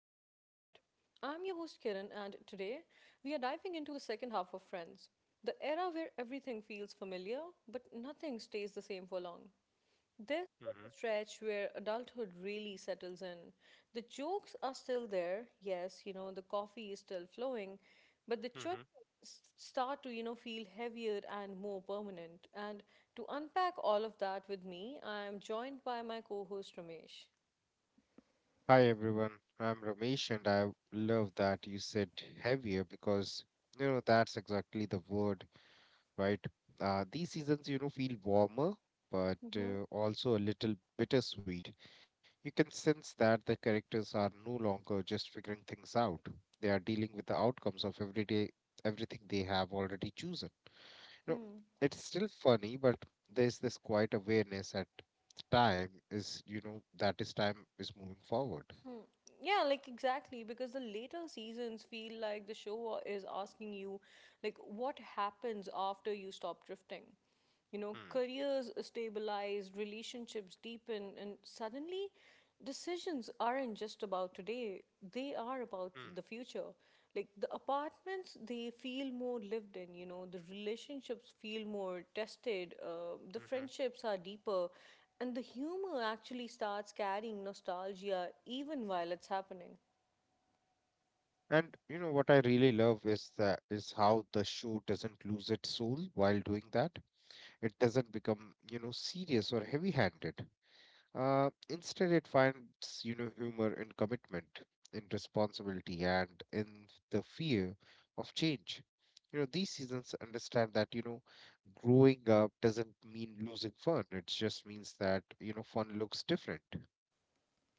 host Kiran, and today we are diving into the second half of Friends, the era where everything feels familiar but nothing stays the same for long. This Mm-hmm. is the stretch where adulthood really settles in. The jokes are still there, yes, the coffee is still flowing, but the choices Mm-hmm. Start to, feel heavier and more permanent. And to unpack all of that with me, I am joined by my co host Ramesh. Hi everyone, I'm Ramesh, and I love that you said heavier because that's exactly the word, right? These seasons, feel warmer, but also a little bittersweet. You can sense that the characters are no longer just figuring things out; they are dealing with the outcomes of everyday everything they have already chosen. No, it's still funny, but there's this quiet awareness that time is, you know, that is time is moving forward. Yeah, like exactly, because the later seasons feel like the show is asking you, like, what happens after you stop drifting? You know, Hmm. careers stabilize, relationships deepen, and suddenly decisions aren't just about today, they are about Hmm. the future. Like, the apartments, they feel more lived in, the relationships feel more tested, the Mm-hmm. friendships are deeper, and the humor actually starts carrying nostalgia even while it's happening. And what I really love is that is how the show doesn't lose its soul while doing that. It doesn't become, serious or heavy-handed. Instead, it finds humor in commitment, in responsibility, and in the fear of change. These seasons understand that growing up doesn't mean losing fun. It just means that fun looks different.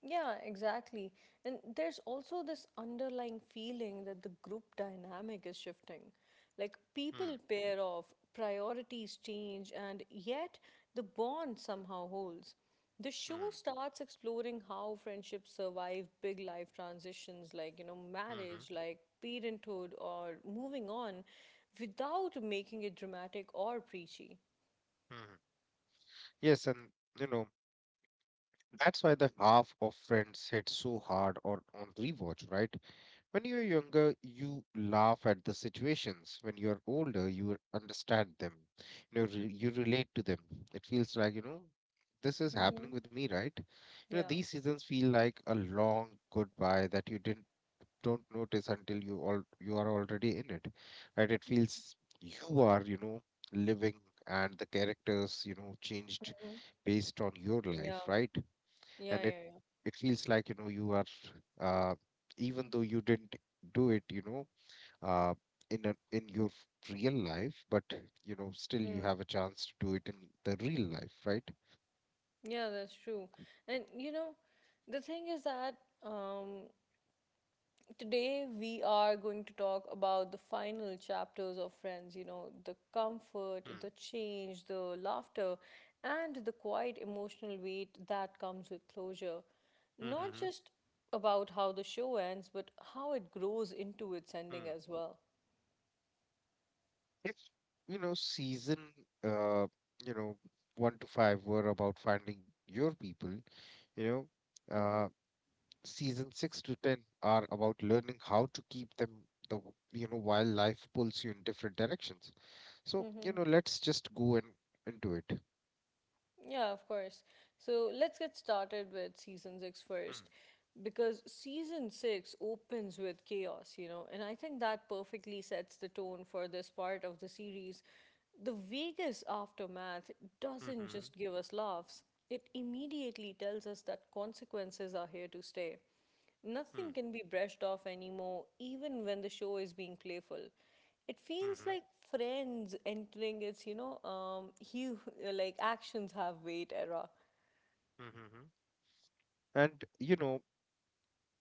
Yeah, exactly. And there's also this underlying feeling that the group dynamic is shifting. Like Hmm, people pair off, priorities change, and yet the bond somehow holds. The show hmm, starts exploring how friendships survive big life transitions like, you know, marriage, hmm, like parenthood, or moving on without making it dramatic or preachy. hmm. Yes, and you know that's why the half of Friends hit so hard or on rewatch, right? When you're younger, you laugh at the situations. When you're older, you understand them. You relate to them. It feels like, this is Mm-hmm. happening with me, right? Yeah. These seasons feel like a long goodbye that you didn't don't notice until you are already in it, right? It feels you are, living and the characters, changed Hmm. based on your Yeah, life, right? yeah, And it yeah, yeah. Feels like you are, uh, even though you didn't do it, uh, in your real life, but still you Mm. have a chance to do it in the real life, right. Yeah, that's true. And you know, the thing is that um, today we are going to talk about the final chapters of Friends, you know, the comfort, Hmm. the change, the laughter, and the quiet emotional weight that comes with closure. Not Mm-hmm. just about how the show ends, but how it grows into its Hmm. ending as well. If season uh you know one to five were about finding your people, you know uh, season 6 to 10 are about learning how to keep them while life pulls you in different directions. So Mm-hmm. Let's just go and into it. Yeah, of course. So let's get started with season six first. Because season six opens with chaos, you know, and I think that perfectly sets the tone for this part of the series. The Vegas aftermath doesn't Mm-hmm. just give us laughs, it immediately tells us that consequences are here to stay. Nothing can be brushed off anymore, even when the show is being playful. It feels Mm-hmm. like Friends entering its, hu like actions have weight era. Mm-hmm. And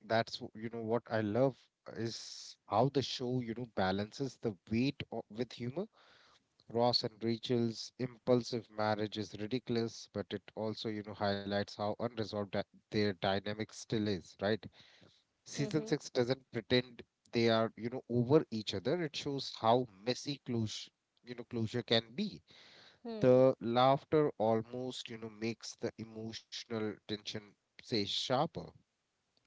that's w- you know what I love is how the show balances the weight with humor. Ross and Rachel's impulsive marriage is ridiculous, but it also highlights how unresolved their dynamic still is, right? Season Mm-hmm. 6 doesn't pretend they are, over each other. It shows how messy closure can be. The laughter almost, makes the emotional tension, say, sharper.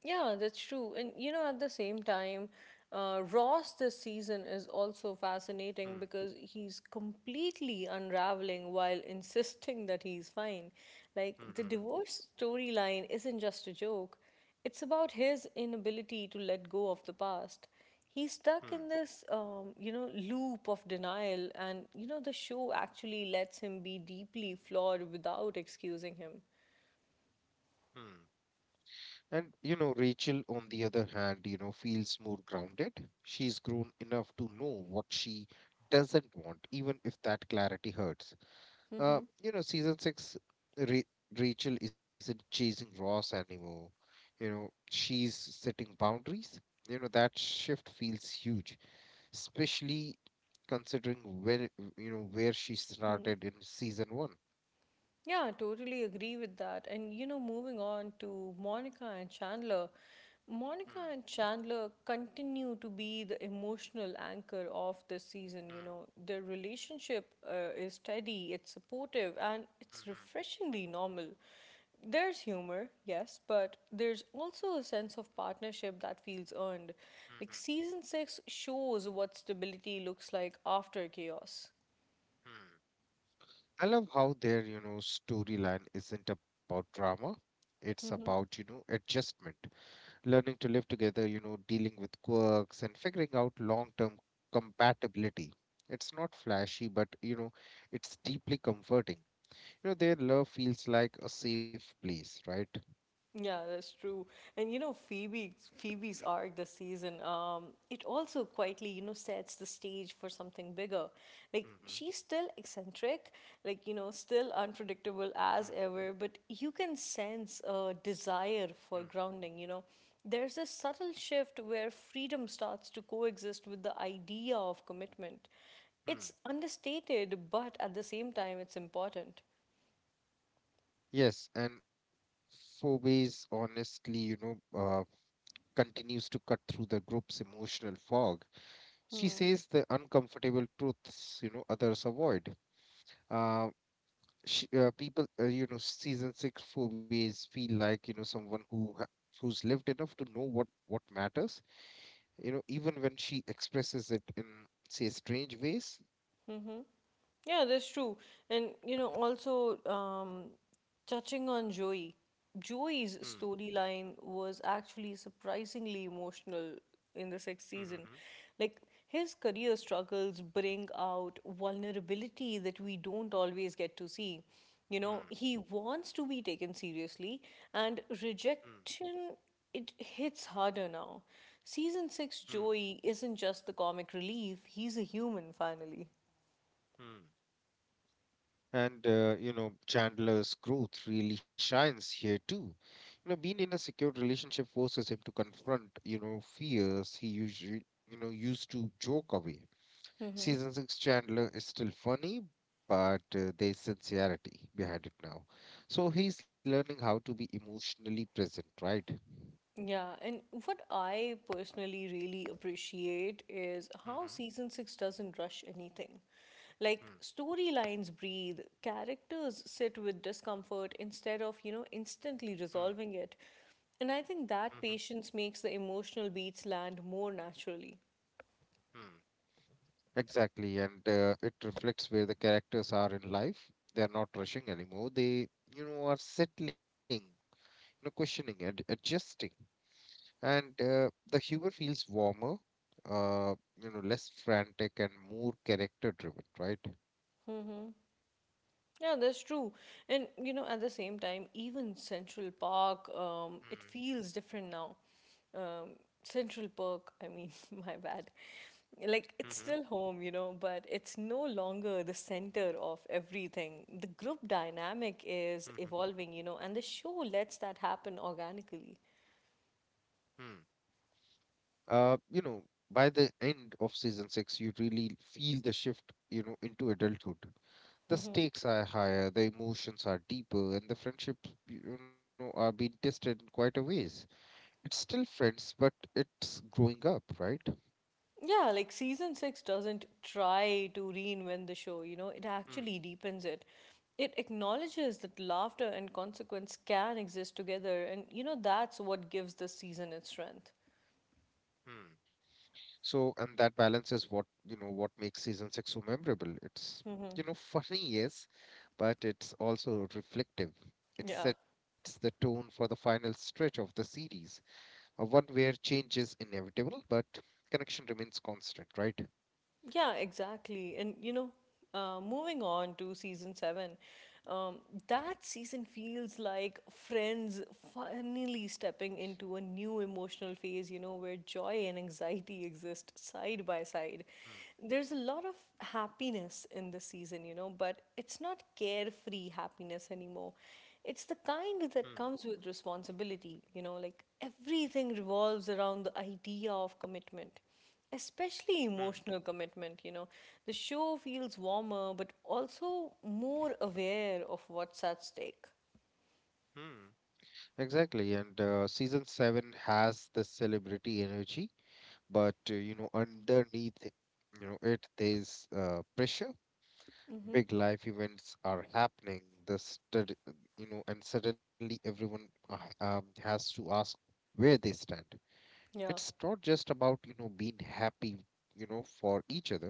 Yeah, that's true. And you know, at the same time, Ross this season is also fascinating Hmm. because he's completely unraveling while insisting that he's fine. Like, the Hmm. divorce storyline isn't just a joke, it's about his inability to let go of the past. He's stuck Hmm. in this, you know, loop of denial, and you know, the show actually lets him be deeply flawed without excusing him. Hmm. Hmm. And, Rachel, on the other hand, feels more grounded. She's grown enough to know what she doesn't want, even if that clarity hurts. Mm-hmm. Season six, Ra- Rachel isn't chasing Ross anymore. She's setting boundaries. That shift feels huge, especially considering where she started in season one. Yeah, I totally agree with that. And you know, moving on to Hmm, Monica and Chandler continue to be the emotional anchor of this season. You hmm, know, their relationship is steady, it's supportive, and it's mhm, refreshingly normal. There's humor, yes, but there's also a sense of partnership that feels earned. mhm, Like season six shows what stability looks like after chaos. hmm. I love how their, storyline isn't about drama. It's about, Mm-hmm. Adjustment. Learning to live together, dealing with quirks and figuring out long term compatibility. It's not flashy, but it's deeply comforting. Their love feels like a safe place, right? Yeah, that's true. And you know, Phoebe's arc this season, it also quietly, you know, sets the stage for something bigger. Like she's Mm-hmm. still eccentric, like you know, still unpredictable as Hmm. ever, but you can sense a desire for Hmm. grounding, you know. There's this subtle shift where freedom starts to coexist with the idea of commitment. It's Hmm. understated, but at the same time it's important. Yes, and Phobies honestly, continues to cut through the group's emotional fog. She says the uncomfortable truths, others avoid. Uh, sh people, season six movies feel like, someone who's lived enough to know what matters, even when she expresses it in, say, strange ways. Mm-hmm. Yeah, that's true. And you know, also touching on Joey, Hmm. Joey's storyline was actually surprisingly emotional in the sixth season. Mm-hmm. Like his career struggles bring out vulnerability that we don't always get to see. You Hmm. know, he wants to be taken seriously, and Hmm. rejection it hits harder now. Season six Hmm. Joey isn't just the comic relief; he's a human finally. Hmm. And, Chandler's growth really shines here too. Being in a secured relationship forces him to confront, fears he usually, used to joke away. Season 6 Chandler is still funny, but there's sincerity behind it now. So he's learning how to be emotionally present, right? Yeah, and what I personally really appreciate is how Mm-hmm. season six doesn't rush anything. Like, storylines breathe, characters sit with discomfort instead of, instantly resolving it. And I think Mm-hmm. that patience makes the emotional beats land more naturally. Mm-hmm. Exactly, and it reflects where the characters are in life. They are not rushing anymore. They, are settling, questioning and adjusting. And the humor feels warmer, uh, less frantic and more character driven, right? Mm-hmm. Yeah, that's true. And, you know, at the same time, even Central Park, it feels different now. Um, Central Park, I mean, my bad. Like Mm-hmm. it's still home, you know, but it's no longer the center of everything. The group dynamic is Mm-hmm. evolving, you know, and the show lets that happen organically. Hmm. Uh, you know, by the end of season six, you really feel the shift, into adulthood. The Hmm. stakes are higher, the emotions are deeper, and the friendships, are being tested in quite a ways. It's still friends, but it's growing up, right? Yeah, like season six doesn't try to reinvent the show, you know, it Hmm. actually deepens it. It acknowledges that laughter and consequence can exist together, and you know, that's what gives this season its strength. Hmm. So, and that balance is what, what makes season six so memorable. It's, Hmm. Funny, yes, but it's also reflective. It Yeah. sets the tone for the final stretch of the series, one where change is inevitable, but connection remains constant, right? Yeah, exactly. And you know, moving on to season seven, um, that season feels like friends finally stepping into a new emotional phase, you know, where joy and anxiety exist side by side. Hmm. There's a lot of happiness in this season, you know, but it's not carefree happiness anymore. It's the kind that Hmm. comes with responsibility, you know, like everything revolves around the idea of commitment, especially Hmm. emotional commitment, you know, the show feels warmer but also more aware of what's at stake. Hmm. Exactly. And season seven has the celebrity energy, but underneath it is pressure. Mm-hmm. Big life events are happening. The stud you know, And suddenly everyone has to ask where they stand. Yeah. It's not just about being happy, for each other.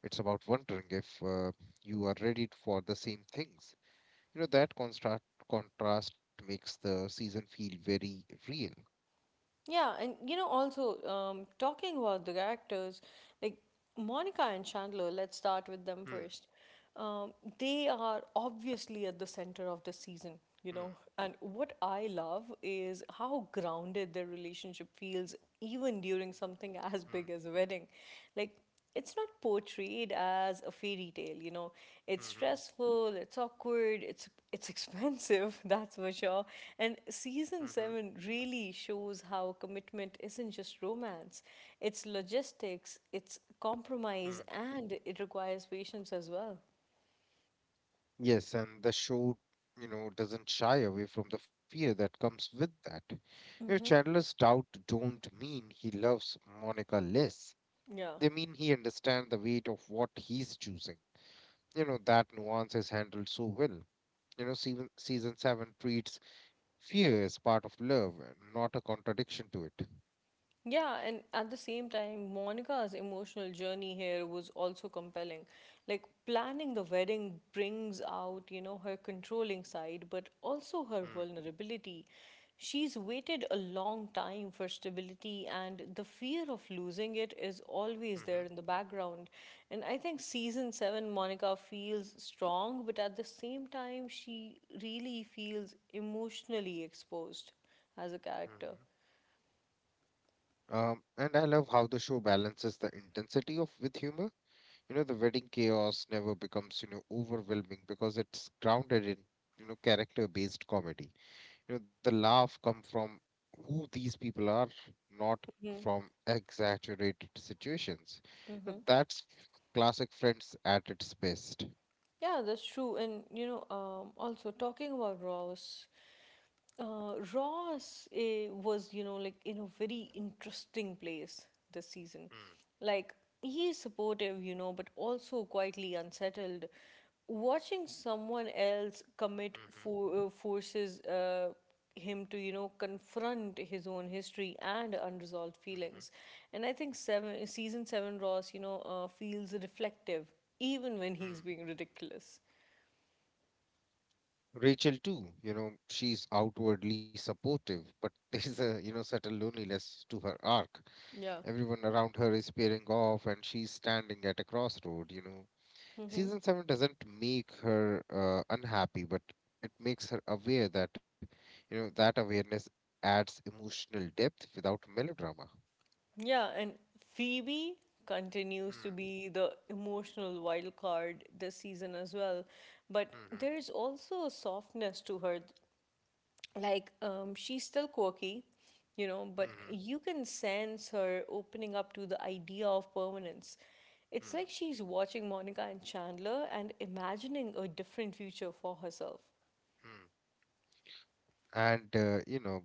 It's about wondering if you are ready for the same things. That contrast makes the season feel very real. Yeah, and you know, also talking about the characters, like Monica and Chandler, let's start with them Hmm. first. Um, they are obviously at the center of the season, you Hmm. know, and what I love is how grounded their relationship feels, even during something as Hmm. big as a wedding. Like, it's not portrayed as a fairy tale, you know. It's stressful, it's awkward, it's expensive, that's for sure. And Hmm. season Hmm. 7 really shows how commitment isn't just romance, it's logistics, it's compromise, Hmm. and it requires patience as well. Yes, and the show, doesn't shy away from the fear that comes with that. Mm-hmm. Chandler's doubt don't mean he loves Monica less. Yeah. They mean he understands the weight of what he's choosing. That nuance is handled so well. You know, season seven treats fear as part of love, not a contradiction to it. Yeah, and at the same time, Monica's emotional journey here was also compelling. Like, planning the wedding brings out, you know, her controlling side, but also her Mm, vulnerability. She's waited a long time for stability, and the fear of losing it is always there mhm, in the background. And I think season seven, Monica feels strong, but at the same time, she really feels emotionally exposed as a character. mhm. And I love how the show balances the intensity of with humor. The wedding chaos never becomes, overwhelming because it's grounded in, character-based comedy. The laugh come from who these people are, not from exaggerated situations. That's classic Friends at its best. Yeah, that's true. And you know, also talking about Ross, Ross was you know like in a very interesting place this season. Mm, Like he's supportive, you know, but also quietly unsettled. Watching someone else commit mhm, for, forces him to you know confront his own history and unresolved mhm. feelings. And I think seven season seven Ross, you know, feels reflective even when he's Hmm. being ridiculous. Rachel too, she's outwardly supportive, but there's a, subtle loneliness to her arc. Yeah. Everyone around her is pairing off and she's standing at a crossroad, you know. Hmm. Season 7 doesn't make her unhappy, but it makes her aware that, that awareness adds emotional depth without melodrama. Yeah, and Phoebe continues to Hmm. be the emotional wild card this season as well. But Hmm. there's also a softness to her. Like, she's still quirky, you know, Hmm. but Hmm. you can sense her opening up to the idea of permanence. It's like Hmm. she's watching Monica and Chandler and imagining a different future for herself. Hmm. And, uh, you know,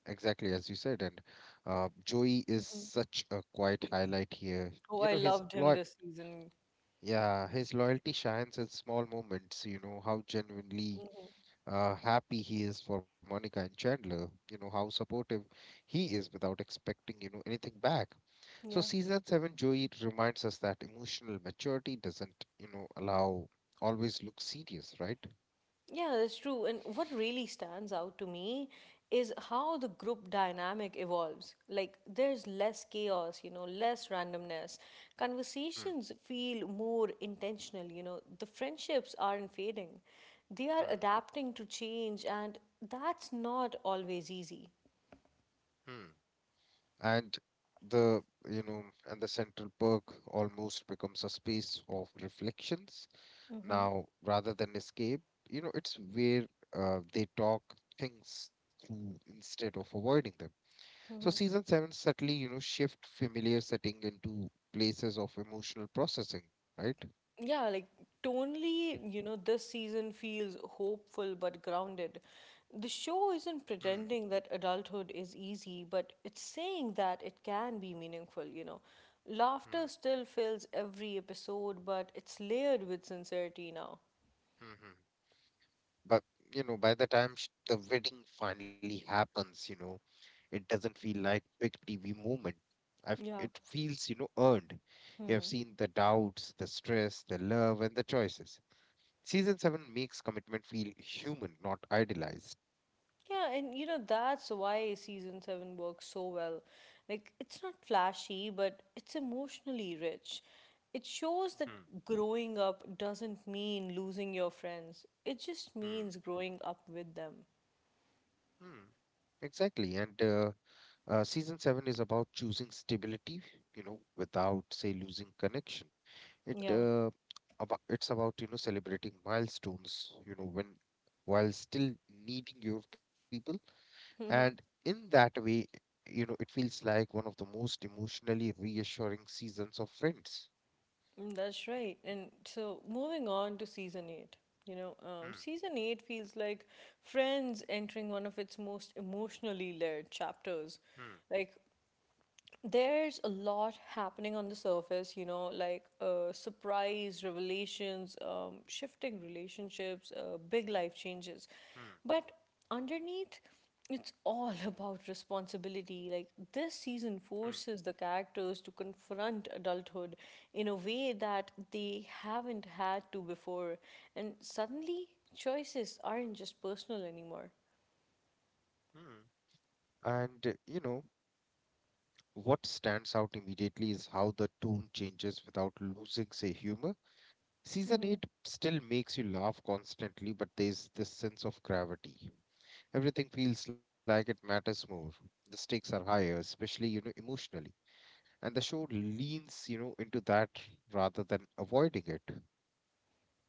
Exactly, as you said, and Joey is Mhm. such a quiet highlight here. Oh, You I know, his loved him lo this season. yeah, his loyalty shines in small moments. How genuinely happy he is for Monica and Chandler. How supportive he is without expecting anything back. So Yeah. season seven, Joey reminds us that emotional maturity doesn't you know allow always look serious, right? Yeah, that's true. And what really stands out to me is how the group dynamic evolves. Like, there's less chaos, you know, less randomness. Hmm, Conversations feel more intentional, you know, the friendships aren't fading. They are hmm, adapting to change, and that's not always easy. hmm. And the you know and the central park almost becomes a space of reflections now rather than escape. It's where they talk things through instead of avoiding them. So season 7 subtly shift familiar setting into places of emotional processing, right? Yeah, like tonally, you know, this season feels hopeful but grounded. The show isn't Hmm. pretending that adulthood is easy, but it's saying that it can be meaningful, you know. Hmm. Laughter still fills every episode, but it's layered with sincerity now. Hmm. But by the time the wedding finally happens, it doesn't feel like quick TV moment. Yeah. It feels, earned. You have seen the doubts, the stress, the love, and the choices. Season 7 makes commitment feel human, not idealized. Yeah, and you know, that's why season seven works so well. Like, it's not flashy, but it's emotionally rich. It shows that Hmm. growing up doesn't mean losing your friends, it just Hmm. means growing up with them. Hmm. Exactly. And Season seven is about choosing stability, without say losing connection. It Yeah. uh, it's about celebrating milestones, you know, when while still needing your people, and Mhm. in that way, it feels like one of the most emotionally reassuring seasons of Friends. Mm, that's right. And so, moving on to season eight, you know, Hmm, season eight feels like Friends entering one of its most emotionally layered chapters. hmm, Like, there's a lot happening on the surface, you know, like surprise revelations, shifting relationships, big life changes. hmm, But underneath, it's all about responsibility. Like this season forces the characters to confront adulthood in a way that they haven't had to before. And suddenly, choices aren't just personal anymore. hmm, hmm. And what stands out immediately is how the tone changes without losing, say, humor. Season 8 still makes you laugh constantly, but there's this sense of gravity. Everything feels like it matters more. The stakes are higher, especially, emotionally. And the show leans, into that rather than avoiding it.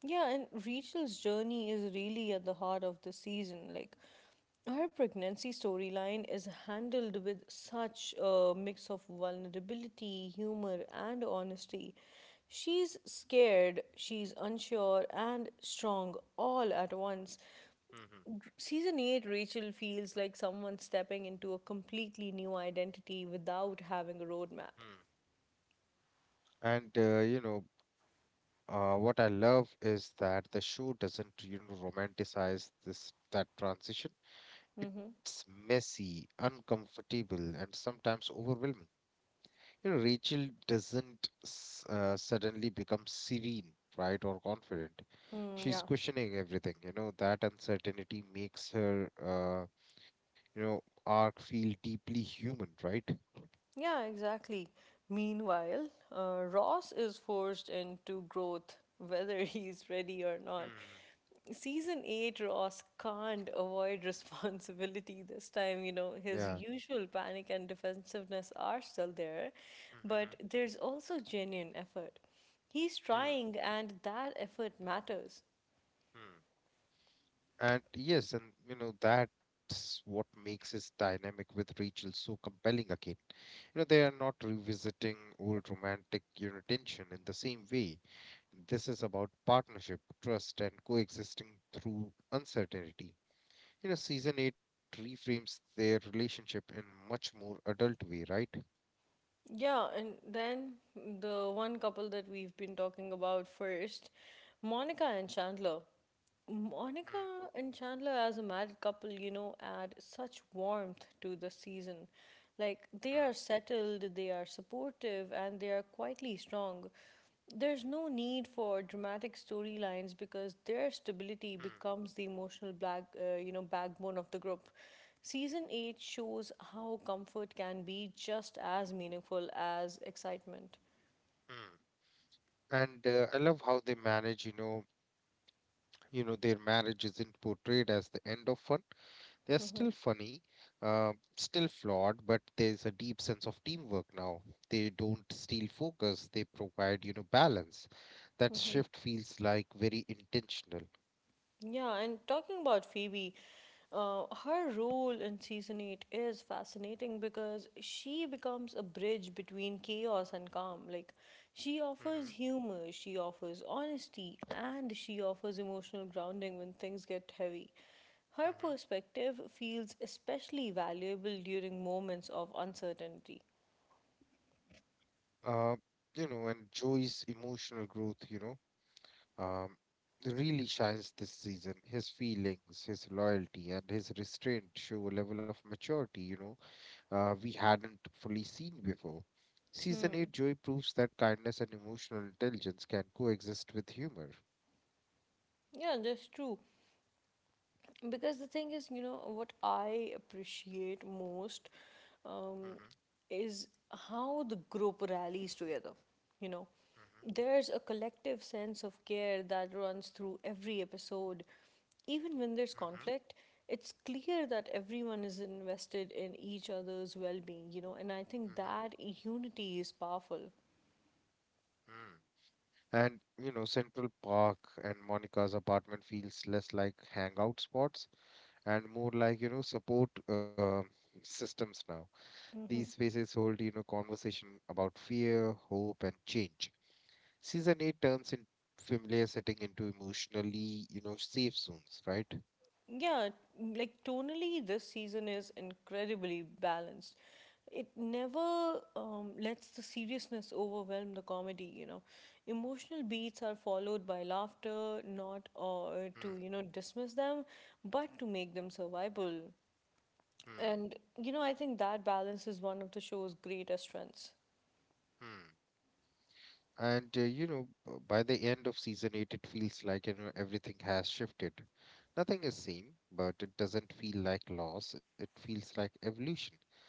Yeah, and Rachel's journey is really at the heart of the season. Like, her pregnancy storyline is handled with such a mix of vulnerability, humor, and honesty. She's scared, she's unsure, and strong all at once. Mm-hmm. Season 8, Rachel feels like someone stepping into a completely new identity without having a roadmap. Mm. And, what I love is that the show doesn't, romanticize this that transition. Mm-hmm. It's messy, uncomfortable, and sometimes overwhelming. Rachel doesn't suddenly become serene, right, or confident. Mm, She's yeah. questioning everything. That uncertainty makes her, arc feel deeply human, right? Yeah, exactly. Meanwhile, Ross is forced into growth whether he's ready or not. Hmm. Season 8, Ross can't avoid responsibility this time. You know, Yeah. his usual panic and defensiveness are still there, Mm-hmm. but there's also genuine effort. He's Hmm. trying, and that effort matters. Hmm. And yes, and that's what makes his dynamic with Rachel so compelling again. They are not revisiting old romantic, tension in the same way. This is about partnership, trust, and coexisting through uncertainty. Season 8 reframes their relationship in much more adult way, right? Yeah, and then the one couple that we've been talking about first, Monica and Chandler. Mm, Monica and Chandler, as a married couple, you know, add such warmth to the season. Like, they mm, are settled, they are supportive, and they are quietly strong. There's no need for dramatic storylines because their stability mm, becomes the emotional backbone of the group. Season 8 shows how comfort can be just as meaningful as excitement. mm. And I love how they manage, their marriage isn't portrayed as the end of fun. They're Mm-hmm. still funny, still flawed, but there's a deep sense of teamwork now. They don't steal focus, they provide, you know, balance. That shift feels like very intentional. Yeah, and talking about Phoebe, her role in season 8 is fascinating because she becomes a bridge between chaos and calm. She offers Mm-hmm. humor, she offers honesty, and she offers emotional grounding when things get heavy. Her Mm-hmm. perspective feels especially valuable during moments of uncertainty. Uh, you know, and Joey's emotional growth, um, really shines this season. His feelings, his loyalty, and his restraint show a level of maturity, we hadn't fully seen before. Season Hmm. 8, Joey proves that kindness and emotional intelligence can coexist with humor. Yeah, that's true. Because the thing is, what I appreciate most, um, Mm-hmm. is how the group rallies together. you know Mm-hmm. there's a collective sense of care that runs through every episode, even when there's Mm-hmm. conflict. It's clear that everyone is invested in each other's well-being, and I think that unity is powerful. Mm-hmm. And you know, Central Park and Monica's apartment feels less like hangout spots and more like, you know, support systems now. These spaces hold, you know, conversation about fear, hope, and change. Season 8 turns in familiar setting into emotionally, you know, safe zones, right? Yeah, like tonally, this season is incredibly balanced. It never lets the seriousness overwhelm the comedy, you know. Emotional beats are followed by laughter, not to, Hmm, dismiss them, but to make them survivable. hmm, And, I think that balance is one of the show's greatest strengths. hmm. And you know, by the end of season eight, it feels like you know everything has shifted. Nothing is same, but it doesn't feel like loss. It feels like evolution.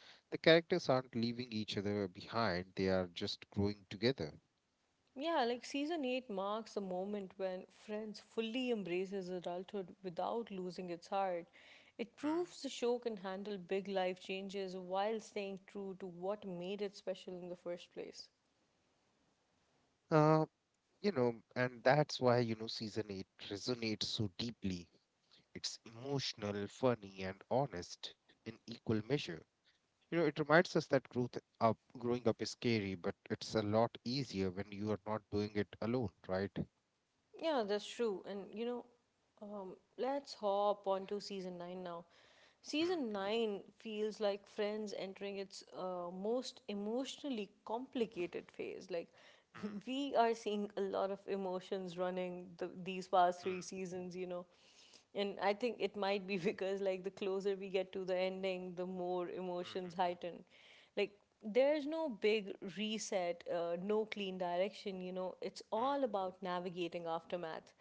The characters aren't leaving each other behind; they are just growing together. Yeah, like season 8 marks the moment when Friends fully embraces adulthood without losing its heart. It proves Hmm. the show can handle big life changes while staying true to what made it special in the first place. Uh, you know, and that's why you know season eight resonates so deeply. It's emotional, funny, and honest in equal measure. You know, it reminds us that growing up is scary, but it's a lot easier when you are not doing it alone, right? Yeah, that's true. And let's hop onto season 9 now. Hmm, Season 9 feels like Friends entering its most emotionally complicated phase. Hmm, we are seeing a lot of emotions running these past hmm, three seasons, you know. And I think it might be because, like, the closer we get to the ending, the more emotions mhm, heighten. Like, there's no big reset, no clean direction, you know. It's mhm, all about navigating aftermath.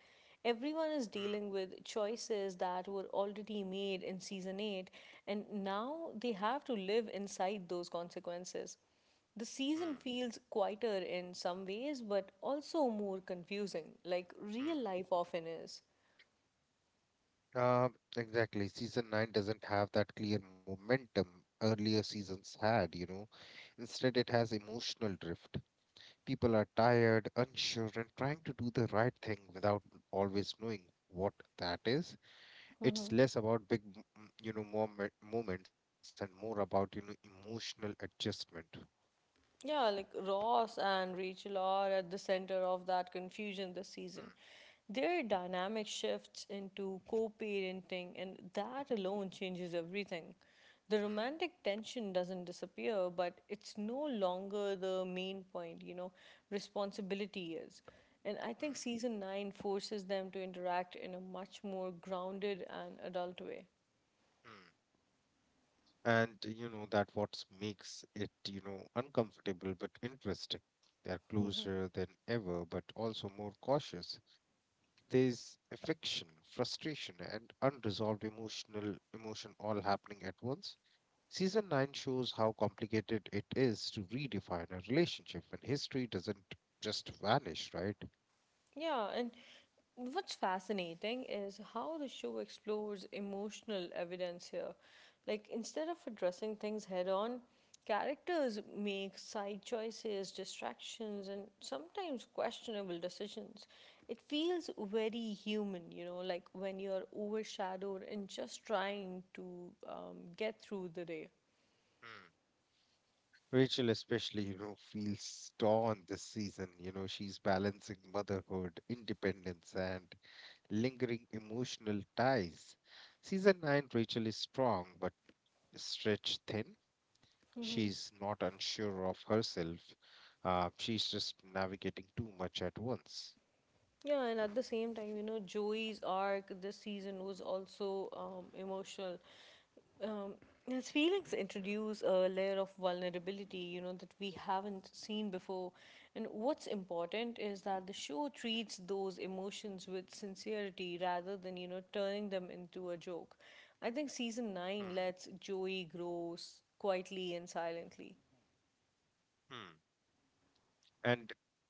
Everyone is mhm, dealing with choices that were already made in season 8, and now they have to live inside those consequences. The season feels quieter in some ways, but also more confusing, like real life often is. mhm, mhm. Exactly. Season 9 doesn't have that clear momentum earlier seasons had, you know. Instead, it has emotional drift. People are tired, unsure, and trying to do the right thing without always knowing what that is. It's less about big you know moments and more about you know emotional adjustment. Yeah, like Ross and Rachel are at the center of that confusion this Hmm, season. Their dynamic shifts into co parenting, and that alone changes everything. The hmm, romantic tension doesn't disappear, but it's no longer the main point, you know, responsibility is. And I think hmm, season 9 forces them to interact in a much more grounded and adult way. hmm. And you know that what makes it you know uncomfortable but interesting, they're closer than ever but also more cautious. There's affection, frustration, and unresolved emotion all happening at once. Season 9 shows how complicated it is to redefine a relationship when history doesn't just vanish, right? Yeah, and what's fascinating is how the show explores emotional evidence here. Like, instead of addressing things head on, characters make side choices, distractions, and sometimes questionable decisions. It feels very human, you know, like when you're overshadowed and just trying to get through the day. Rachel, especially, you know, feels torn this season. You know, she's balancing motherhood, independence, and lingering emotional ties. Season 9, Rachel is strong but stretched thin. Mhm. She's not unsure of herself. She's just navigating too much at once. Yeah, and at the same time, you know, Joey's arc this season was also emotional. um, yes, feelings introduce a layer of vulnerability, you know, that we haven't seen before. And what's important is that the show treats those emotions with sincerity rather than, turning them into a joke. I think season Hmm. 9 lets Joey grow quietly and silently. Hmm. And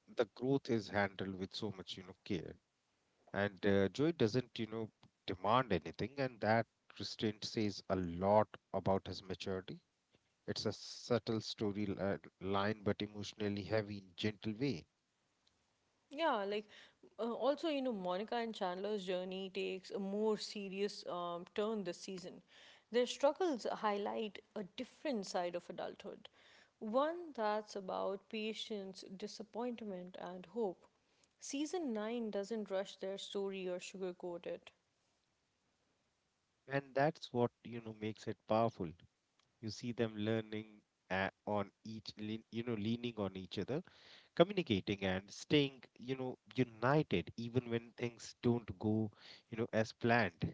the growth is handled with so much, you know, care. And joy doesn't you know demand anything, and that restraint says a lot about his maturity. It's a subtle line but emotionally heavy gentle way. Yeah, like also, you know, Monica and Chandler's journey takes a more serious turn this season. Their struggles highlight a different side of adulthood, one that's about patience, disappointment, and hope. Season 9 doesn't rush their story or sugarcoat And that's what you know makes it powerful. You see them on you know leaning on each other, communicating and staying you know united even when things don't go you know as planned.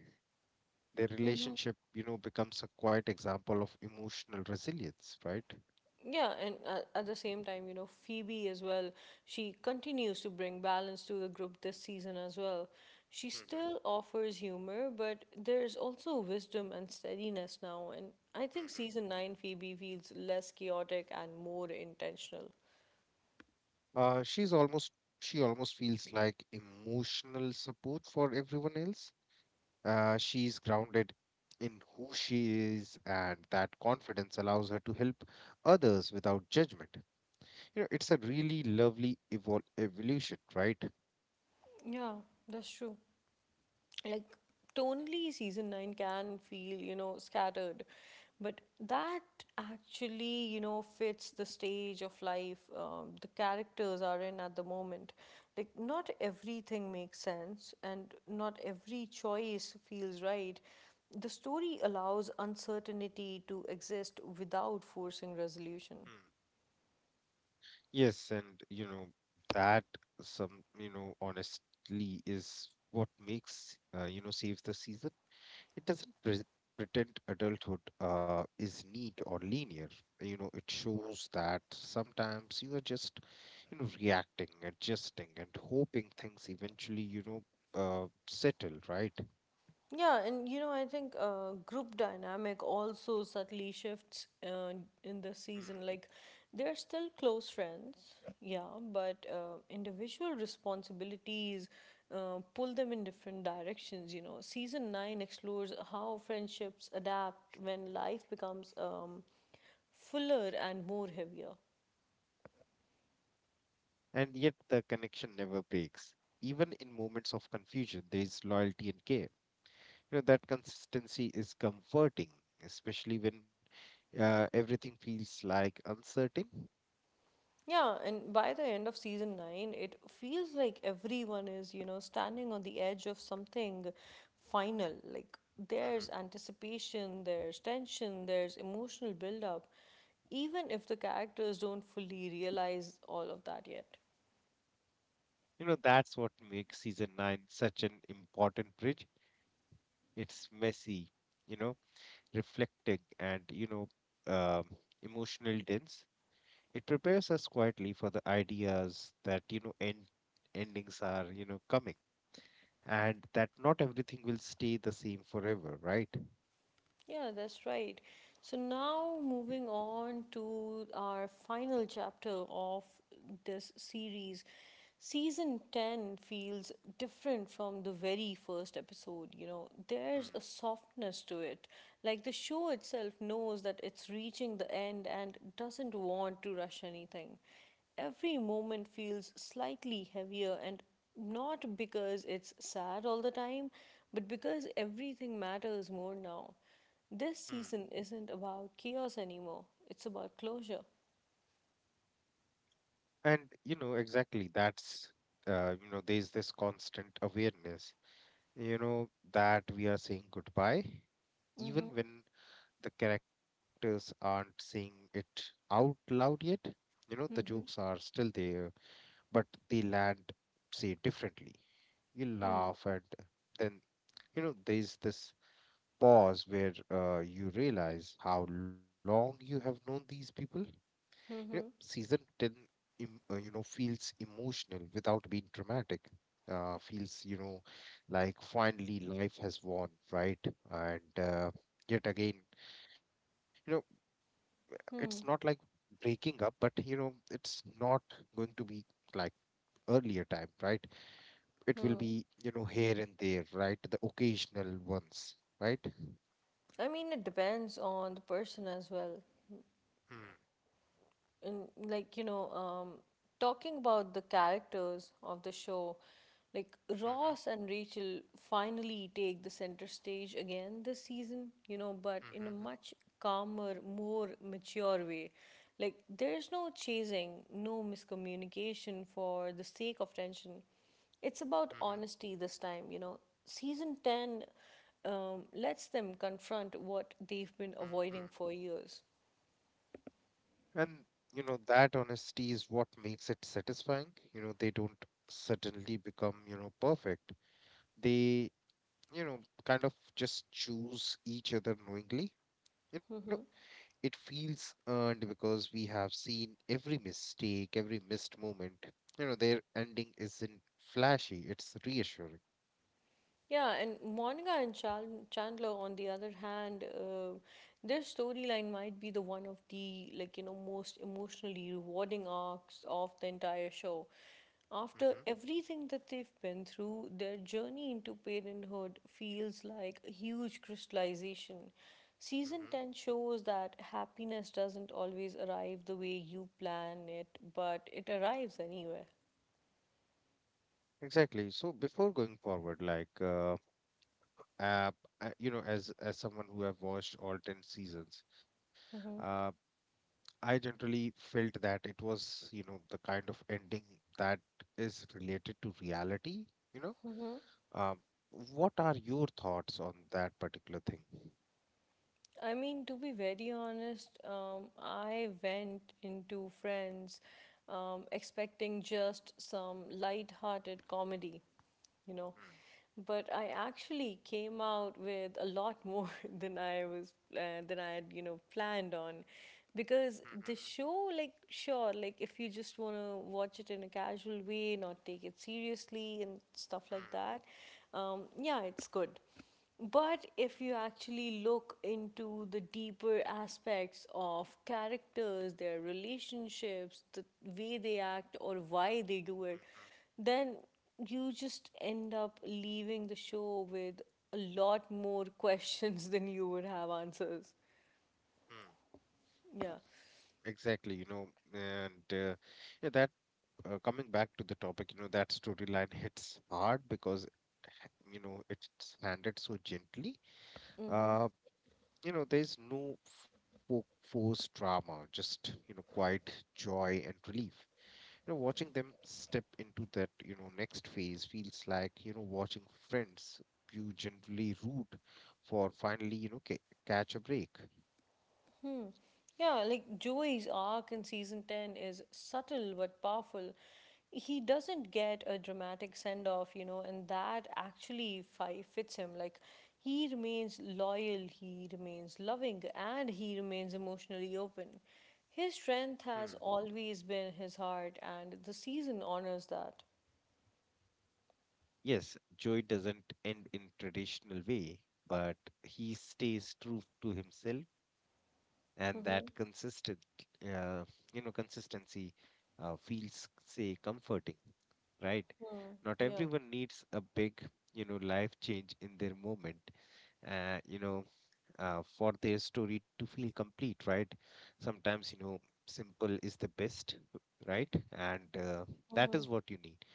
Their it. relationship you know becomes a quite example of emotional resilience, right? Yeah, and at the same time, you know, Phoebe as well, she continues to bring balance to the group this season as well. She still Mm-hmm. offers humor, but there's also wisdom and steadiness now. And I think Mm-hmm. season 9 Phoebe feels less chaotic and more intentional. uh she's almost she almost feels like emotional support for everyone else. She's grounded in who she is, and that confidence allows her to help others without judgment. You know, it's a really lovely evolution, right? Yeah, that's true. Like tonally, season 9 can feel, you know, scattered, but that actually, you know, fits the stage of life the characters are in at the moment. Like, not everything makes sense and not every choice feels right. The story allows uncertainty to exist without forcing resolution. Hmm. Yes, and you know that some you know honestly is what makes you know saves the season. It doesn't pretend adulthood is neat or linear. You know, it shows that sometimes you are just you know reacting, adjusting, and hoping things eventually you know settle, right? Yeah, and you know, I think group dynamic also subtly shifts in the season. Like, they're still close friends, yeah, but individual responsibilities pull them in different directions. You know, season nine explores how friendships adapt when life becomes fuller and more heavier. And yet the connection never breaks. Even in moments of confusion, there is loyalty and care. You know, that consistency is comforting, especially when everything feels like uncertain. Yeah, and by the end of season 9, it feels like everyone is, you know, standing on the edge of something final. Like, Hmm. there's anticipation, there's tension, there's emotional build up, even if the characters don't fully realize all of that yet. You know, that's what makes season nine such an important bridge. It's messy, you know, reflecting and, um, emotional dense. It prepares us quietly for the ideas that, you know, endings are, you know, coming, and that not everything will stay the same forever, right? Yeah, that's right. So now moving on to our final chapter of this series. Season 10 feels different from the very first episode, you know. Hmm, There's a softness to it. Like, the show itself knows that it's reaching the end and doesn't want to rush anything. Every moment feels slightly heavier, and not because it's sad all the time, but because everything matters more now. This hmm. season isn't about chaos anymore, it's about closure. And you know exactly that's you know there's this constant awareness, you know, that we are saying goodbye, even Mm-hmm. when the characters aren't saying it out loud yet. You know, the jokes Mm-hmm. are still there, but they land, say, differently. You Mm-hmm. laugh, and then you know there's this pause where you realize how long you have known these people. Yeah, Mm-hmm. season 10 you know feels emotional without being dramatic. Feels you know like finally life has won, right? and yet again you know it's not like Hmm. breaking up, but you know it's not going to be like earlier time, right? It will Hmm. be you know here and there, right, the occasional ones, right? I mean, it depends on the person as well. Mm-hmm. In like, talking about the characters of the show, like Mm-hmm. Ross and Rachel finally take the center stage again this season, you know, but in a Mm-hmm. much calmer, more mature way. Like, there's no chasing, no miscommunication for the sake of tension. It's about honesty this time, you know. Season 10 lets them confront what they've been Mm-hmm. avoiding for years. And you know, that honesty is what makes it satisfying. You know, they don't suddenly become, you know, perfect. They, you know, kind of just choose each other knowingly. You know, Mm-hmm. it feels earned because we have seen every mistake, every missed moment. You know, their ending isn't flashy, it's reassuring. Yeah, and Monica and Chandler, on the other hand, their storyline might be the one of the, like, you know, most emotionally rewarding arcs of the entire show. After Hmm, everything that they've been through, their journey into parenthood feels like a huge crystallization. Season hmm. 10 shows that happiness doesn't always arrive the way you plan it, but it arrives anyway. Exactly. So before going forward, uh, you know, as someone who have watched all 10 seasons, uh, I generally felt that it was, you know, the kind of ending that is related to reality, you know. Um, what are your thoughts on that particular thing? I mean, to be very honest, I went into Friends expecting just some light-hearted comedy, you know. Hmm, But I actually came out with a lot more than I was than I had, you know, planned on, hmm, because the hmm, show, like, sure, like, if you just want to watch it in a casual way, not take it seriously and stuff like hmm, that, yeah, it's good. But if you actually look into the deeper aspects of characters, their relationships, the way they act, or why they do it, hmm, then you just end up leaving the show with a lot more questions than you would have answers. hmm, hmm. Yeah. Exactly, you know, and yeah, that coming back to the topic, you know, that storyline hits hard because, you know, it's handled so gently. Uh, You know, there's no forced drama, just, you know, quiet joy and relief. You know, watching them step into that, you know, next phase feels like, you know, watching friends you generally root for finally, you know, catch a break. Yeah, like Joey's arc in season 10 is subtle but powerful. He doesn't get a dramatic send off, you know, and that actually fits him. Like, he remains loyal, he remains loving, and he remains emotionally open. His strength Hmm. has always been his heart, and the season honors that. Yes, Joey doesn't end in traditional way, but he stays true to himself, and that Mm-hmm. Uh, you know, consistency feels, say, comforting, right? Hmm. Not Yeah. everyone needs a big, you know, life change in their moment, uh, you know, for their story to feel complete, right? Sometimes, you know, simple is the best, right? And that Mm-hmm. is what you need.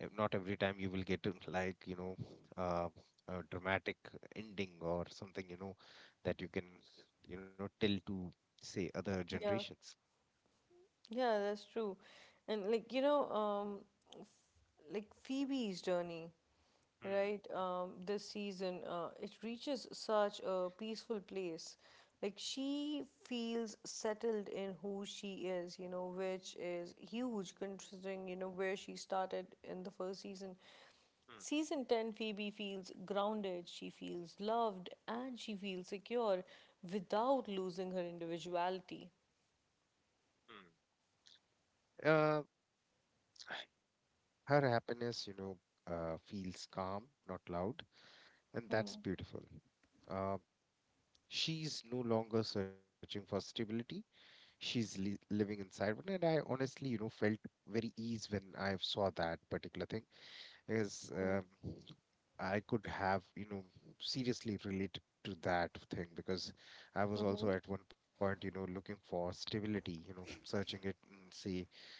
Not every time you will get like, you know, uh, a dramatic ending or something, you know, that you can, you know, tell to say other Yeah. generations. Yeah, that's true. And, like, you know, f- like Phoebe's journey. Hmm. Right, this season, it reaches such a peaceful place. Like, she feels settled in who she is, you know, which is huge considering, you know, where she started in the first season. Season 10 Phoebe feels grounded, she feels loved, and she feels secure without losing her individuality. Hmm. Hmm. Her happiness, feels calm, not loud, and Hmm. that's beautiful. Uh, she's no longer searching for stability. She's living inside one, and I honestly, you know, felt very ease when I saw that particular thing. Is I could have, you know, seriously related to that thing because I was also at one point, you know, looking for stability, you know, searching it in, say,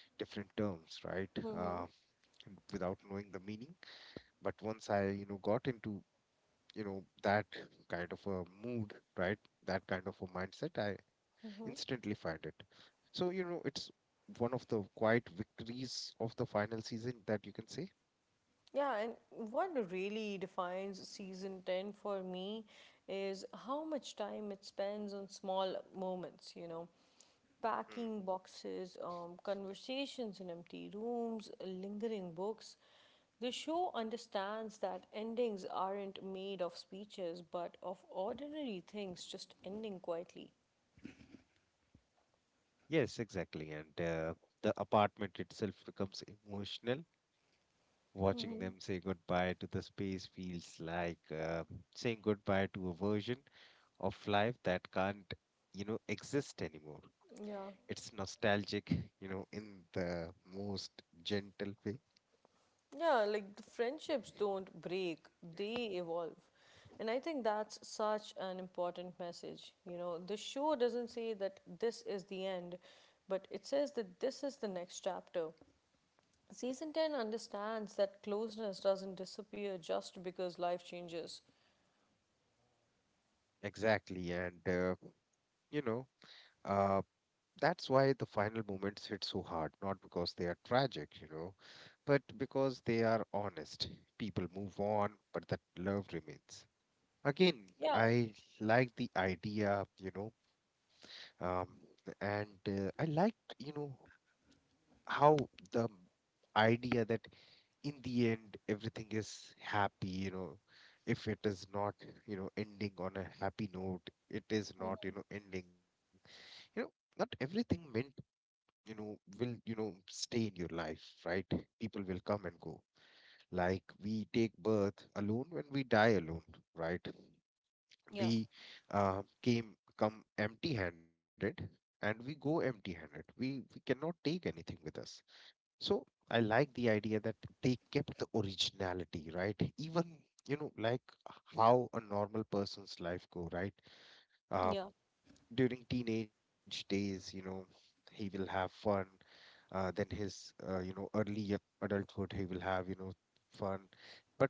different terms, right? Uh, without knowing the meaning. But once I you know got into you know that kind of a mood, right, that kind of a mindset, I instantly find it. So you know it's one of the quiet victories of the final season that you can say. Yeah, and what really defines season 10 for me is how much time it spends on small moments, you know, Mm. packing boxes, conversations in empty rooms, lingering books. The show understands that endings aren't made of speeches, but of ordinary things just ending quietly. Yes, exactly. and the apartment itself becomes emotional. Watching Hmm. them say goodbye to the space feels like saying goodbye to a version of life that can't you know exist anymore. Yeah. It's nostalgic, you know, in the most gentle way. Yeah, like the friendships don't break, they evolve. And I think that's such an important message. You know, the show doesn't say that this is the end, but it says that this is the next chapter. Season 10 understands that closeness doesn't disappear just because life changes. Exactly. You know, uh, that's why the final moments hit so hard, not because they are tragic, you know, but because they are honest. People move on, but that love remains. Again, Yeah. I like the idea, you know, um, and I liked, you know, how the idea that in the end everything is happy, you know. If it is not you know ending on a happy note, it is not you Mhm. know ending, you know. Not everything meant you know will you know stay in your life, right? People will come and go, like we take birth alone when we die alone, right? Yeah. We uh, came come empty handed, and we go empty handed. We cannot take anything with us. So I like the idea that they kept the originality, right? Even, you know, like how a normal person's life go, right? Uh, Yeah. during teenage days, you know, he will have fun. Then his, you know, early adulthood, he will have, you know, fun. But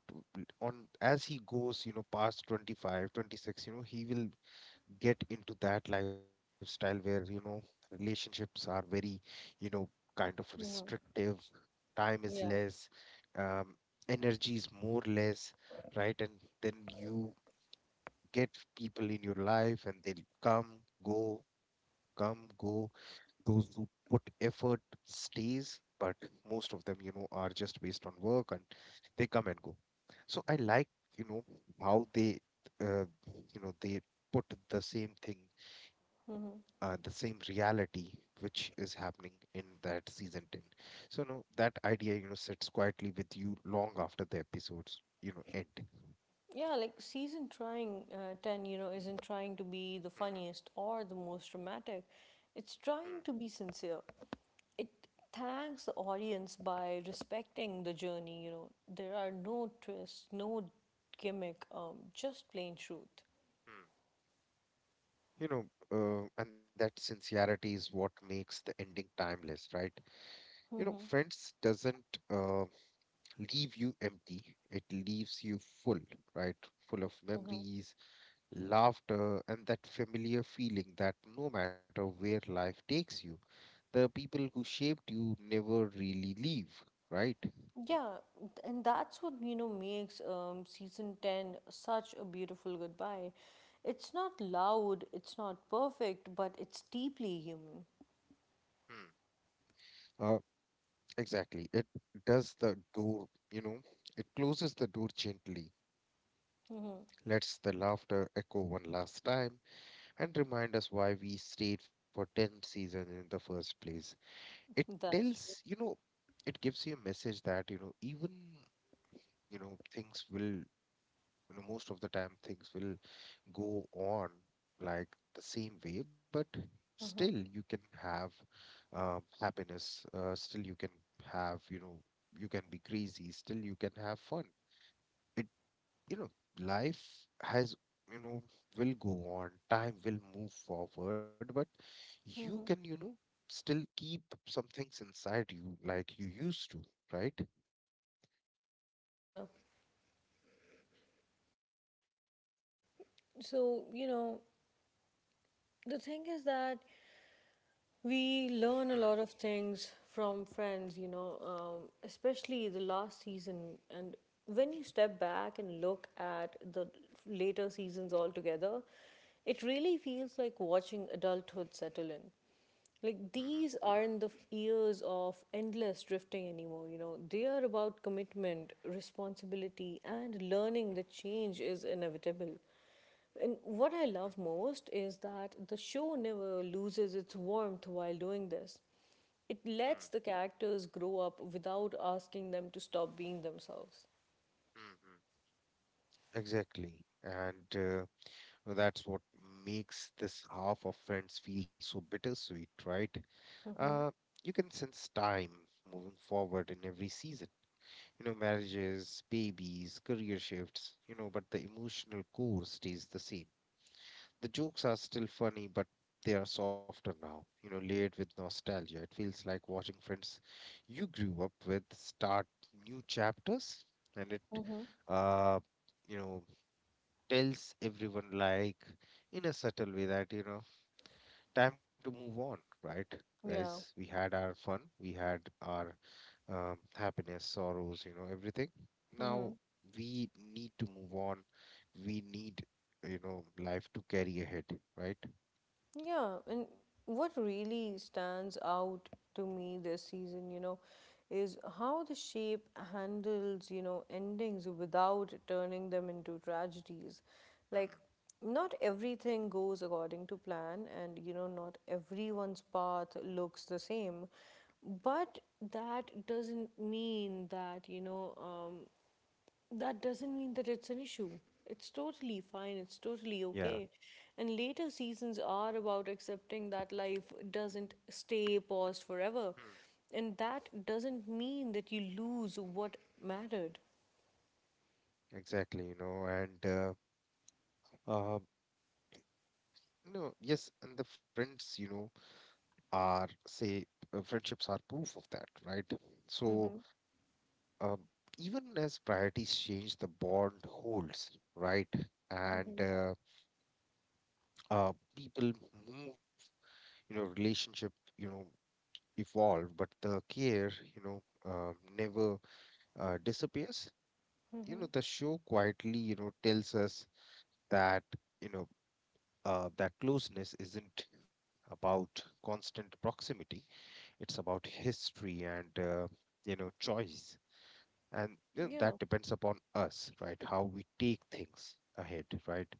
on as he goes, you know, past 25, 26, you know, he will get into that lifestyle where you know relationships are very you know kind of Hmm. restrictive, time is Yeah. less, um, energy is more less, right. And then you get people in your life, and they'll come go, come go. Those who put effort stays, but most of them you know are just based on work, and they come and go. So I like, you know, how they, uh, they put the same thing, the Hmm. same reality, which is happening in that season 10. So no, that idea you know sits quietly with you long after the episodes you know end. Yeah, like season trying 10, you know, isn't trying to be the funniest Mm-hmm. or the most dramatic. It's trying to be sincere. It thanks the audience by respecting the journey. You know, there are no twists, no gimmick, just plain truth. Mm-hmm. you know and that sincerity is what makes the ending timeless, right? You know, Hmm. friends doesn't leave you empty, it leaves you full. Right, full of Hmm. memories, laughter, and that familiar feeling that no matter where life takes you, the people who shaped you never really leave, right? Yeah, and that's what, you know, makes season 10 such a beautiful goodbye. It's not loud, it's not perfect, but it's deeply human. Hmm. Uh, exactly. It does the door, you know, it closes the door gently, Hmm. lets the laughter echo one last time, and remind us why we stayed for 10 seasons in the first place. It That's tells, true. you know, it gives you a message that, you know, even, things will, most of the time, things will go on like the same way, but still Hmm. you can have happiness. Still you can have, you know, you can be crazy, still you can have fun. It you know Life has, you know will go on, time will move forward, but you can, Hmm. Still keep some things inside you like you used to, right? Yeah. So, you know, the thing is that we Mm, learn a lot of things from Friends, you know, especially the last season. And when you step back and look at the later seasons altogether, it really feels like watching adulthood settle in. Like, mhm, these aren't the years of endless drifting anymore, you know. They are about commitment, responsibility, and learning that change is inevitable. And what I love most is that the show never loses its warmth while doing this. It mhm, lets the characters grow up without asking them to stop being themselves. mm, mhm. Exactly. And so that's what makes this half of friends feel so bittersweet, right? Uh, you can sense time moving forward in every season. You know, marriages, babies, career shifts, you know, but the emotional core stays the same. The jokes are still funny, but they are softer now, you know, layered with nostalgia. It feels like watching friends you grew up with start new chapters, and it, uh, you know, tells everyone, like, in a subtle way, that you know, time to move on, right? Guys, Yeah. we had our fun, we had our happiness, sorrows, you know, everything. Now Hmm. we need to move on, we need you know, life to carry ahead, right? Yeah. And what really stands out to me this season, you know, is how the shape handles, you know, endings without turning them into tragedies. Like, Hmm. not everything goes according to plan, and, you know, not everyone's path looks the same. But that doesn't mean that, that doesn't mean that it's an issue. It's totally fine, it's totally Yeah. okay. And later seasons are about accepting that life doesn't stay paused forever. Hmm. And that doesn't mean that you lose what mattered. Exactly, you know. And uh no, yes, and the friends, you know, are say friendships are proof of that, right? So Mm-hmm, um, even as priorities change, the bond holds, right? And mm-hmm, people move, you know, relationship, you know, evolve, but the care, you know, never disappears. You know, mm-hmm. the show quietly, you know, tells us that, you know, that closeness isn't about constant proximity. It's about history and, you know, choice. And you know, Yeah, that depends upon us, right, how we take things ahead, right?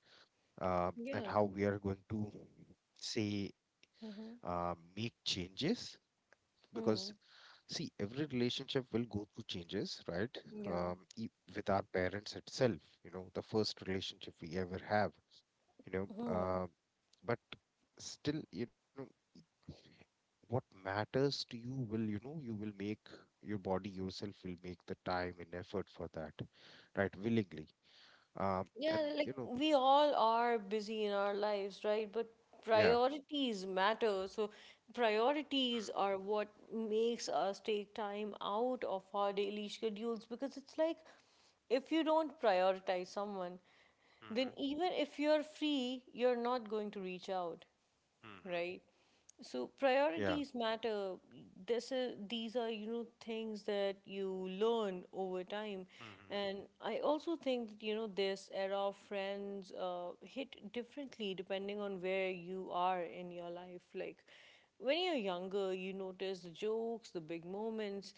Um, and yeah. how we are going to say, Mm-hmm, uh, make changes, because mm-hmm. see, every relationship will go through changes, right? Yeah. Um, with our parents itself, you know, the first relationship we ever have, you know, uh, but still, you know, what matters to you will, you know, you will make, your body yourself will make the time and effort for that, right, willingly. Um, and Yeah, like you know, we all are busy in our lives, right? But yeah. priorities matter. So priorities are what makes us take time out of our daily schedules because it's like if you don't prioritize someone, Mm-hmm. then even if you're free, you're not going to reach out, Mm-hmm. right? So Yeah. priorities matter. These are things that you learn over time. Mm-hmm. And I also think that, this era of friends hit differently depending on where you are in your life. Like when you're younger, you notice the jokes, the big moments.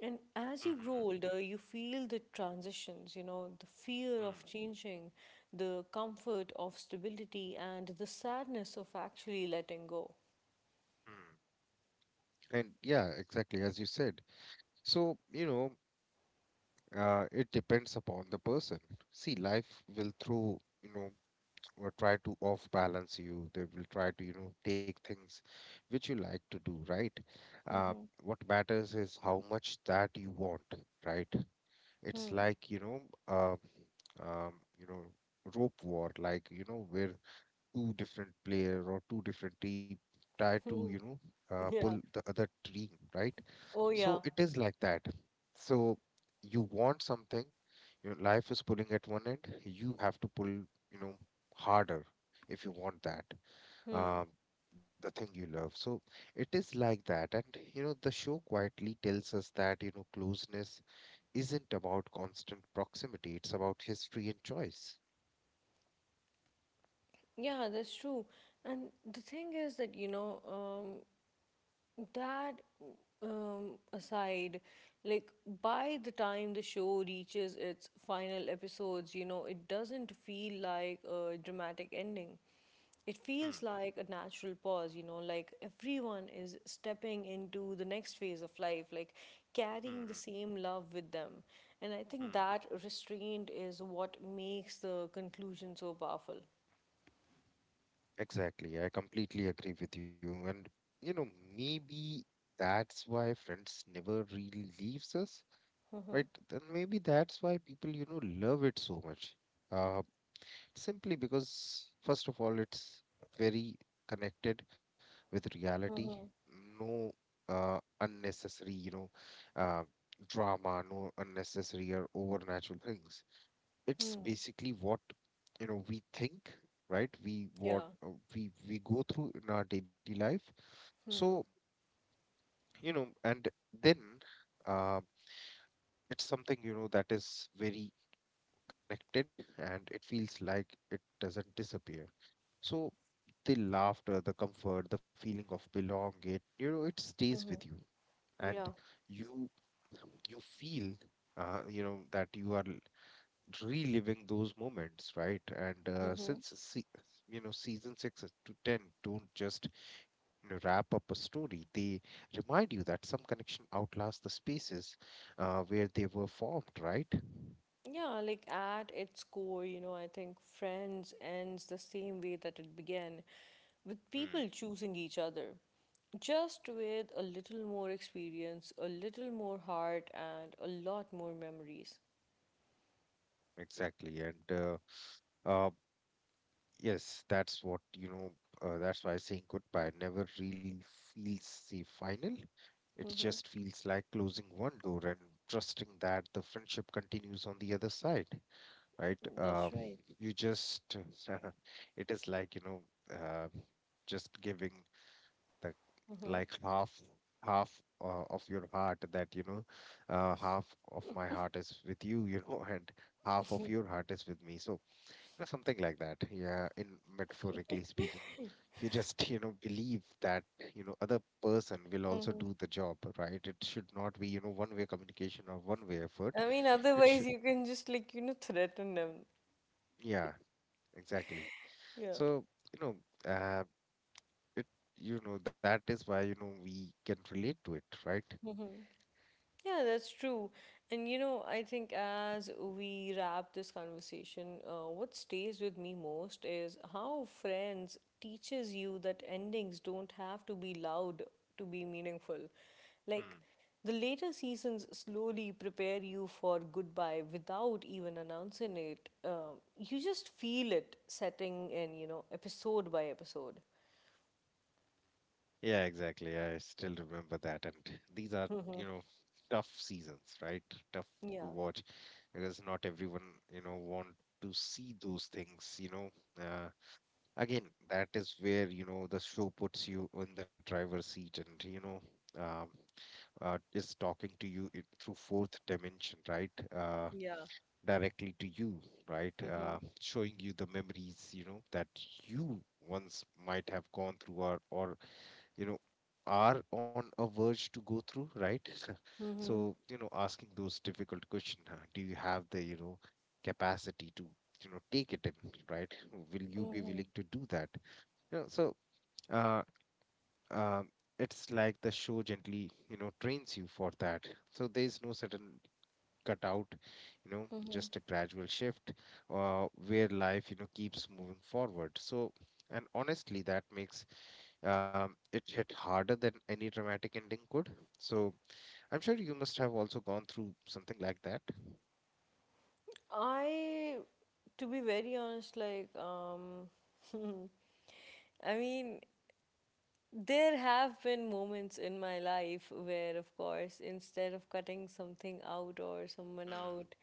And as you Mm-hmm. grow older, you feel the transitions, you know, the fear of changing, the comfort of stability, and the sadness of actually letting go. Mm-hmm. And yeah, exactly as you said. So you know, it depends upon the person. See, life will throw, you know, or try to off balance you. They will try to, you know, take things which you like to do, right? Um, Hmm. what matters is how much that you want, right? It's Hmm. like, um, um, you know, rope war, like, you know, where two different player or two different team try to, you Hmm. know, pull Yeah. the other team, right? Oh, So yeah. it is like that. So you want something, your life is pulling at one end. You have to pull, you know, harder if you want that. Hmm. Um, the thing you love. So it is like that. And, you know, the show quietly tells us that, you know, closeness isn't about constant proximity, it's about history and choice. Yeah, that's true. And the thing is that, aside, like by the time the show reaches its final episodes, it doesn't feel like a dramatic ending. It Hmm. feels like a natural pause, you know, like everyone is stepping into the next phase of life, like carrying the Hmm. same love with them. And I Hmm. think Hmm. that restraint is what makes the conclusion so powerful. Exactly. I completely agree with you. And, you know, maybe that's why Friends never really leaves us, right? Then maybe that's why people, you know, love it so much. Uh, Simply because, first of all, it's very connected with reality. No unnecessary, you know, uh, drama, no unnecessary or overnatural things. It's basically what, you know, we think, right? Yeah. We go through in our daily life. So, you know, and then uh, it's something, you know, that is very connected and it feels like it doesn't disappear. So the laughter, the comfort, the feeling of belonging, you know, it stays with Hmm. you, and Yeah. you you feel, you know, that you are reliving those moments, right? And Hmm. since se you know, season six is to 10 don't just, you know, wrap up a story; they remind you that some connection outlasts the spaces where they were formed, right? Yeah, like at its core, I think Friends ends the same way that it began, with Hmm, people choosing each other. Just with a little more experience, a little more heart, and a lot more memories. exactly. and. Uh, Yes, that's what, you know, that's why saying goodbye never really feels the final. It Mm-hmm. just feels like closing one door and trusting that the friendship continues on the other side, right? That's right. You just, it is like, you know, uh, just giving the Mm-hmm. like half, half of your heart that, you know, half of my heart is with you, you know, and half of your heart is with me. So, yeah, something like that. Yeah, in metaphorically speaking, you just, you know, believe that, you know, other person will also do Mm-hmm. the job, right? It should not be, you know, one-way communication or one-way effort. I mean, It otherwise, should, you can just, like, you know, threaten them. yeah, exactly. Yeah. So, you know, it, you know, that is why, you know, we can relate to it, right? Yeah, that's true. And I think as we wrap this conversation, what stays with me most is how friends teaches you that endings don't have to be loud to be meaningful. Like the later seasons slowly prepare you for goodbye without even announcing it. You just feel it setting in, you know, episode by episode. Yeah, exactly. I still remember that. And these are, you know, tough seasons, right? Tough to Yeah. watch, because not everyone, you know, want to see those things, you know. Uh, Again, that is where, you know, the show puts you in the driver's seat and, you know, um, is talking to you in, through fourth dimension, right? Yeah. Directly to you, right? Mm-hmm. Showing you the memories, you know, that you once might have gone through, or you know, are on a verge to go through, right? Mm-hmm. So you know, asking those difficult questions, do you have the, you know, capacity to, you know, take it in, right, will you be willing to do that, you know? So uh um it's like the show gently, you know, trains you for that, so there is no sudden cutout, you know, just a gradual shift, where life, you know, keeps moving forward. So and honestly, that makes it hit harder than any dramatic ending could. So I'm sure you must have also gone through something like that. I, to be very honest, I mean, there have been moments in my life where, of course, instead of cutting something out or someone Mm, out,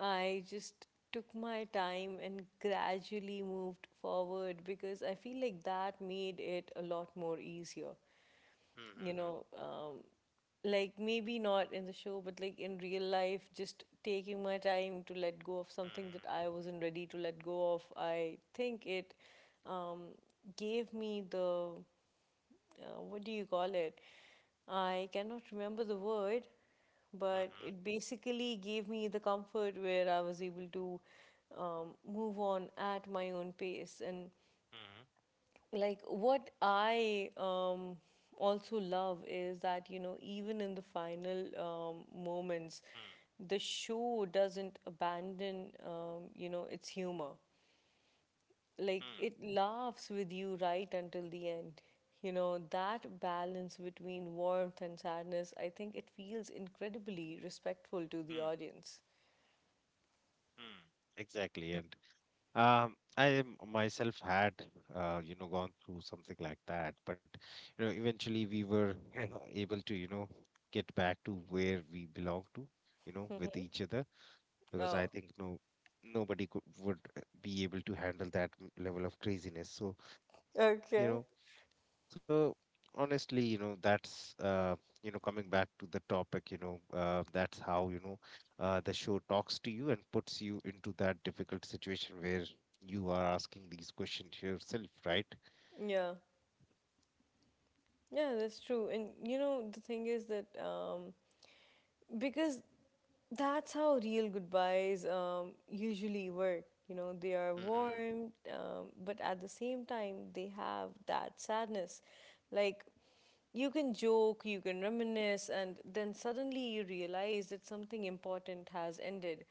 I just took my time and gradually moved forward because I feel like that made it a lot more easier, mm, you mm, know, um, like maybe not in the show, but like in real life, just taking my time to let go of something mm, that I wasn't ready to let go of. I think it um, gave me the, what do you call it? I cannot remember the word, but mm, it basically gave me the comfort where I was able to move on at my own pace. And mm, like what I also love is that, you know, even in the final moments, mm, the show doesn't abandon you know, its humor. mm, Like mm, it laughs with you right until the end. You know, that balance between warmth and sadness, I think it feels incredibly respectful to the mm, audience. mm. Exactly. And myself had, you know, gone through something like that. But, you know, eventually we were able to, you know, get back to where we belong to, you know, with Mhm. each other. Because I Oh, think no nobody could would be able to handle that level of craziness. So you okay. know, so honestly, you know, that's you know, coming back to the topic, you know, that's how, you know, the show talks to you and puts you into that difficult situation where you are asking these questions yourself, right? Yeah. Yeah, that's true. And the thing is that because That's how real goodbyes usually work. You know, they are Mm-hmm. warm, but at the same time, they have that sadness. Like, you can joke, you can reminisce, and then suddenly you realize that something important has ended.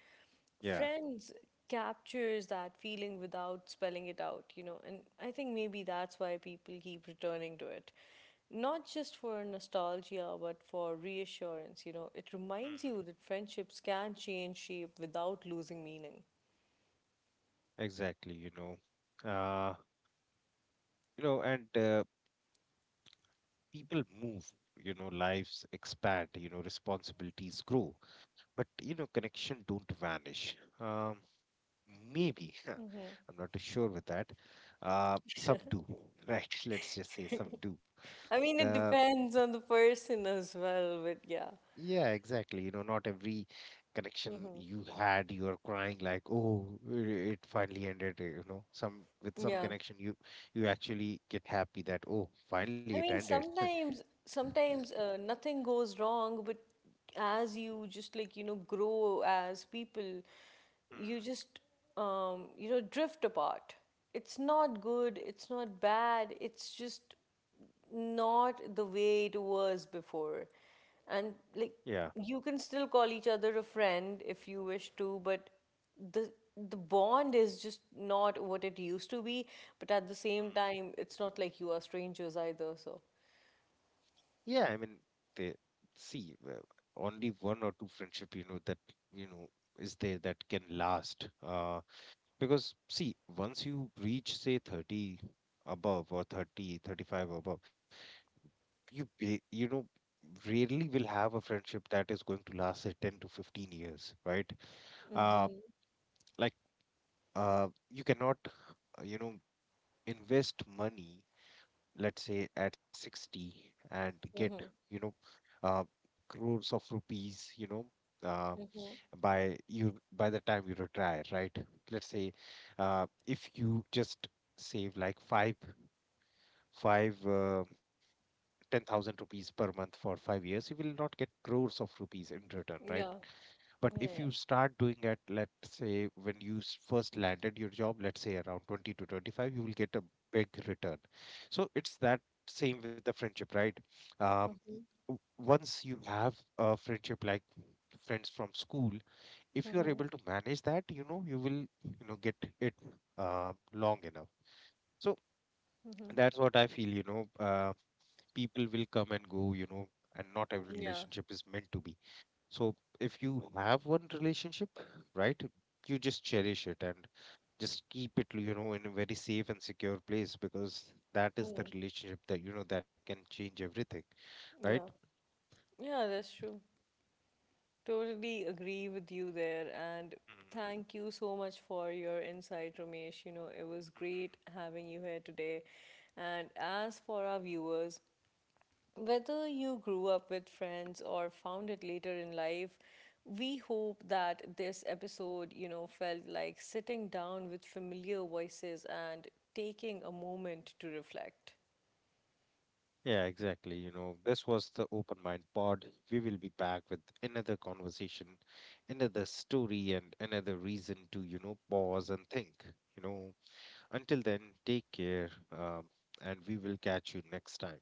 Yeah. Friends captures that feeling without spelling it out, you know, and I think maybe that's why people keep returning to it. Not just for nostalgia, but for reassurance. You know, it reminds Mm-hmm. you that friendships can change shape without losing meaning. Exactly, you know. You know, and People move, you know, lives expand, you know, responsibilities grow, but you know, connection don't vanish. Um, maybe I'm not too sure with that, some do, right. Let's just say some do. I mean, it uh, depends on the person as well, but yeah. yeah, exactly, you know, not every connection you had you are crying like, oh, it finally ended, you know, some, with some Yeah. connection, you actually get happy that, oh, finally it I mean, ended. sometimes nothing goes wrong, but as you just, like, you know, grow as people, you Hmm, just, you know, drift apart. It's not good, it's not bad, it's just not the way it was before. And like, yeah. you can still call each other a friend if you wish to, but the the bond is just not what it used to be, but at the same time it's not like you are strangers either. So Yeah, I mean, they see only one or two friendship, you know, that you know, is there that can last. Because see, once you reach say 30 above, or 30, 35 above, you know, rarely will have a friendship that is going to last say 10 to 15 years, right? Uh, mhm. like you cannot, you know, invest money, let's say at 60, and get, you know, uh, crores of rupees, you know, uh, by you, by the time you retire, right? Let's say if you just save like five 10,000 rupees per month for 5 years, you will not get crores of rupees in return, right? Yeah. But Yeah, if yeah. you start doing it, let's say when first landed your job, let's say around 20 to 25, you will get a big return. So it's that same with the friendship, right? Um, y- Once you have a friendship like friends from school, if you are Mhm. able to manage that, you know, you will, you know, get it long enough. So Mhm. that's what I feel, you know, people will come and go, you know, and not every Yeah. relationship is meant to be. So if you have one relationship, right, you just cherish it and just keep it, you know, in a very safe and secure place, because that is the relationship that, you know, that can change everything, right? yeah yeah, that's true, totally agree with you there. And Mhm, thank you so much for your insight, Ramesh, you know, it was great mhm. having you here today. And as for our viewers, whether you grew up with Friends or found it later in life, we hope that this episode, you know, felt like sitting down with familiar voices and taking a moment to reflect. Yeah, exactly. You know, this was the Open Mind Pod. We will be back with another conversation, another story, and another reason to, you know, pause and think. You know, until then, take care, and we will catch you next time.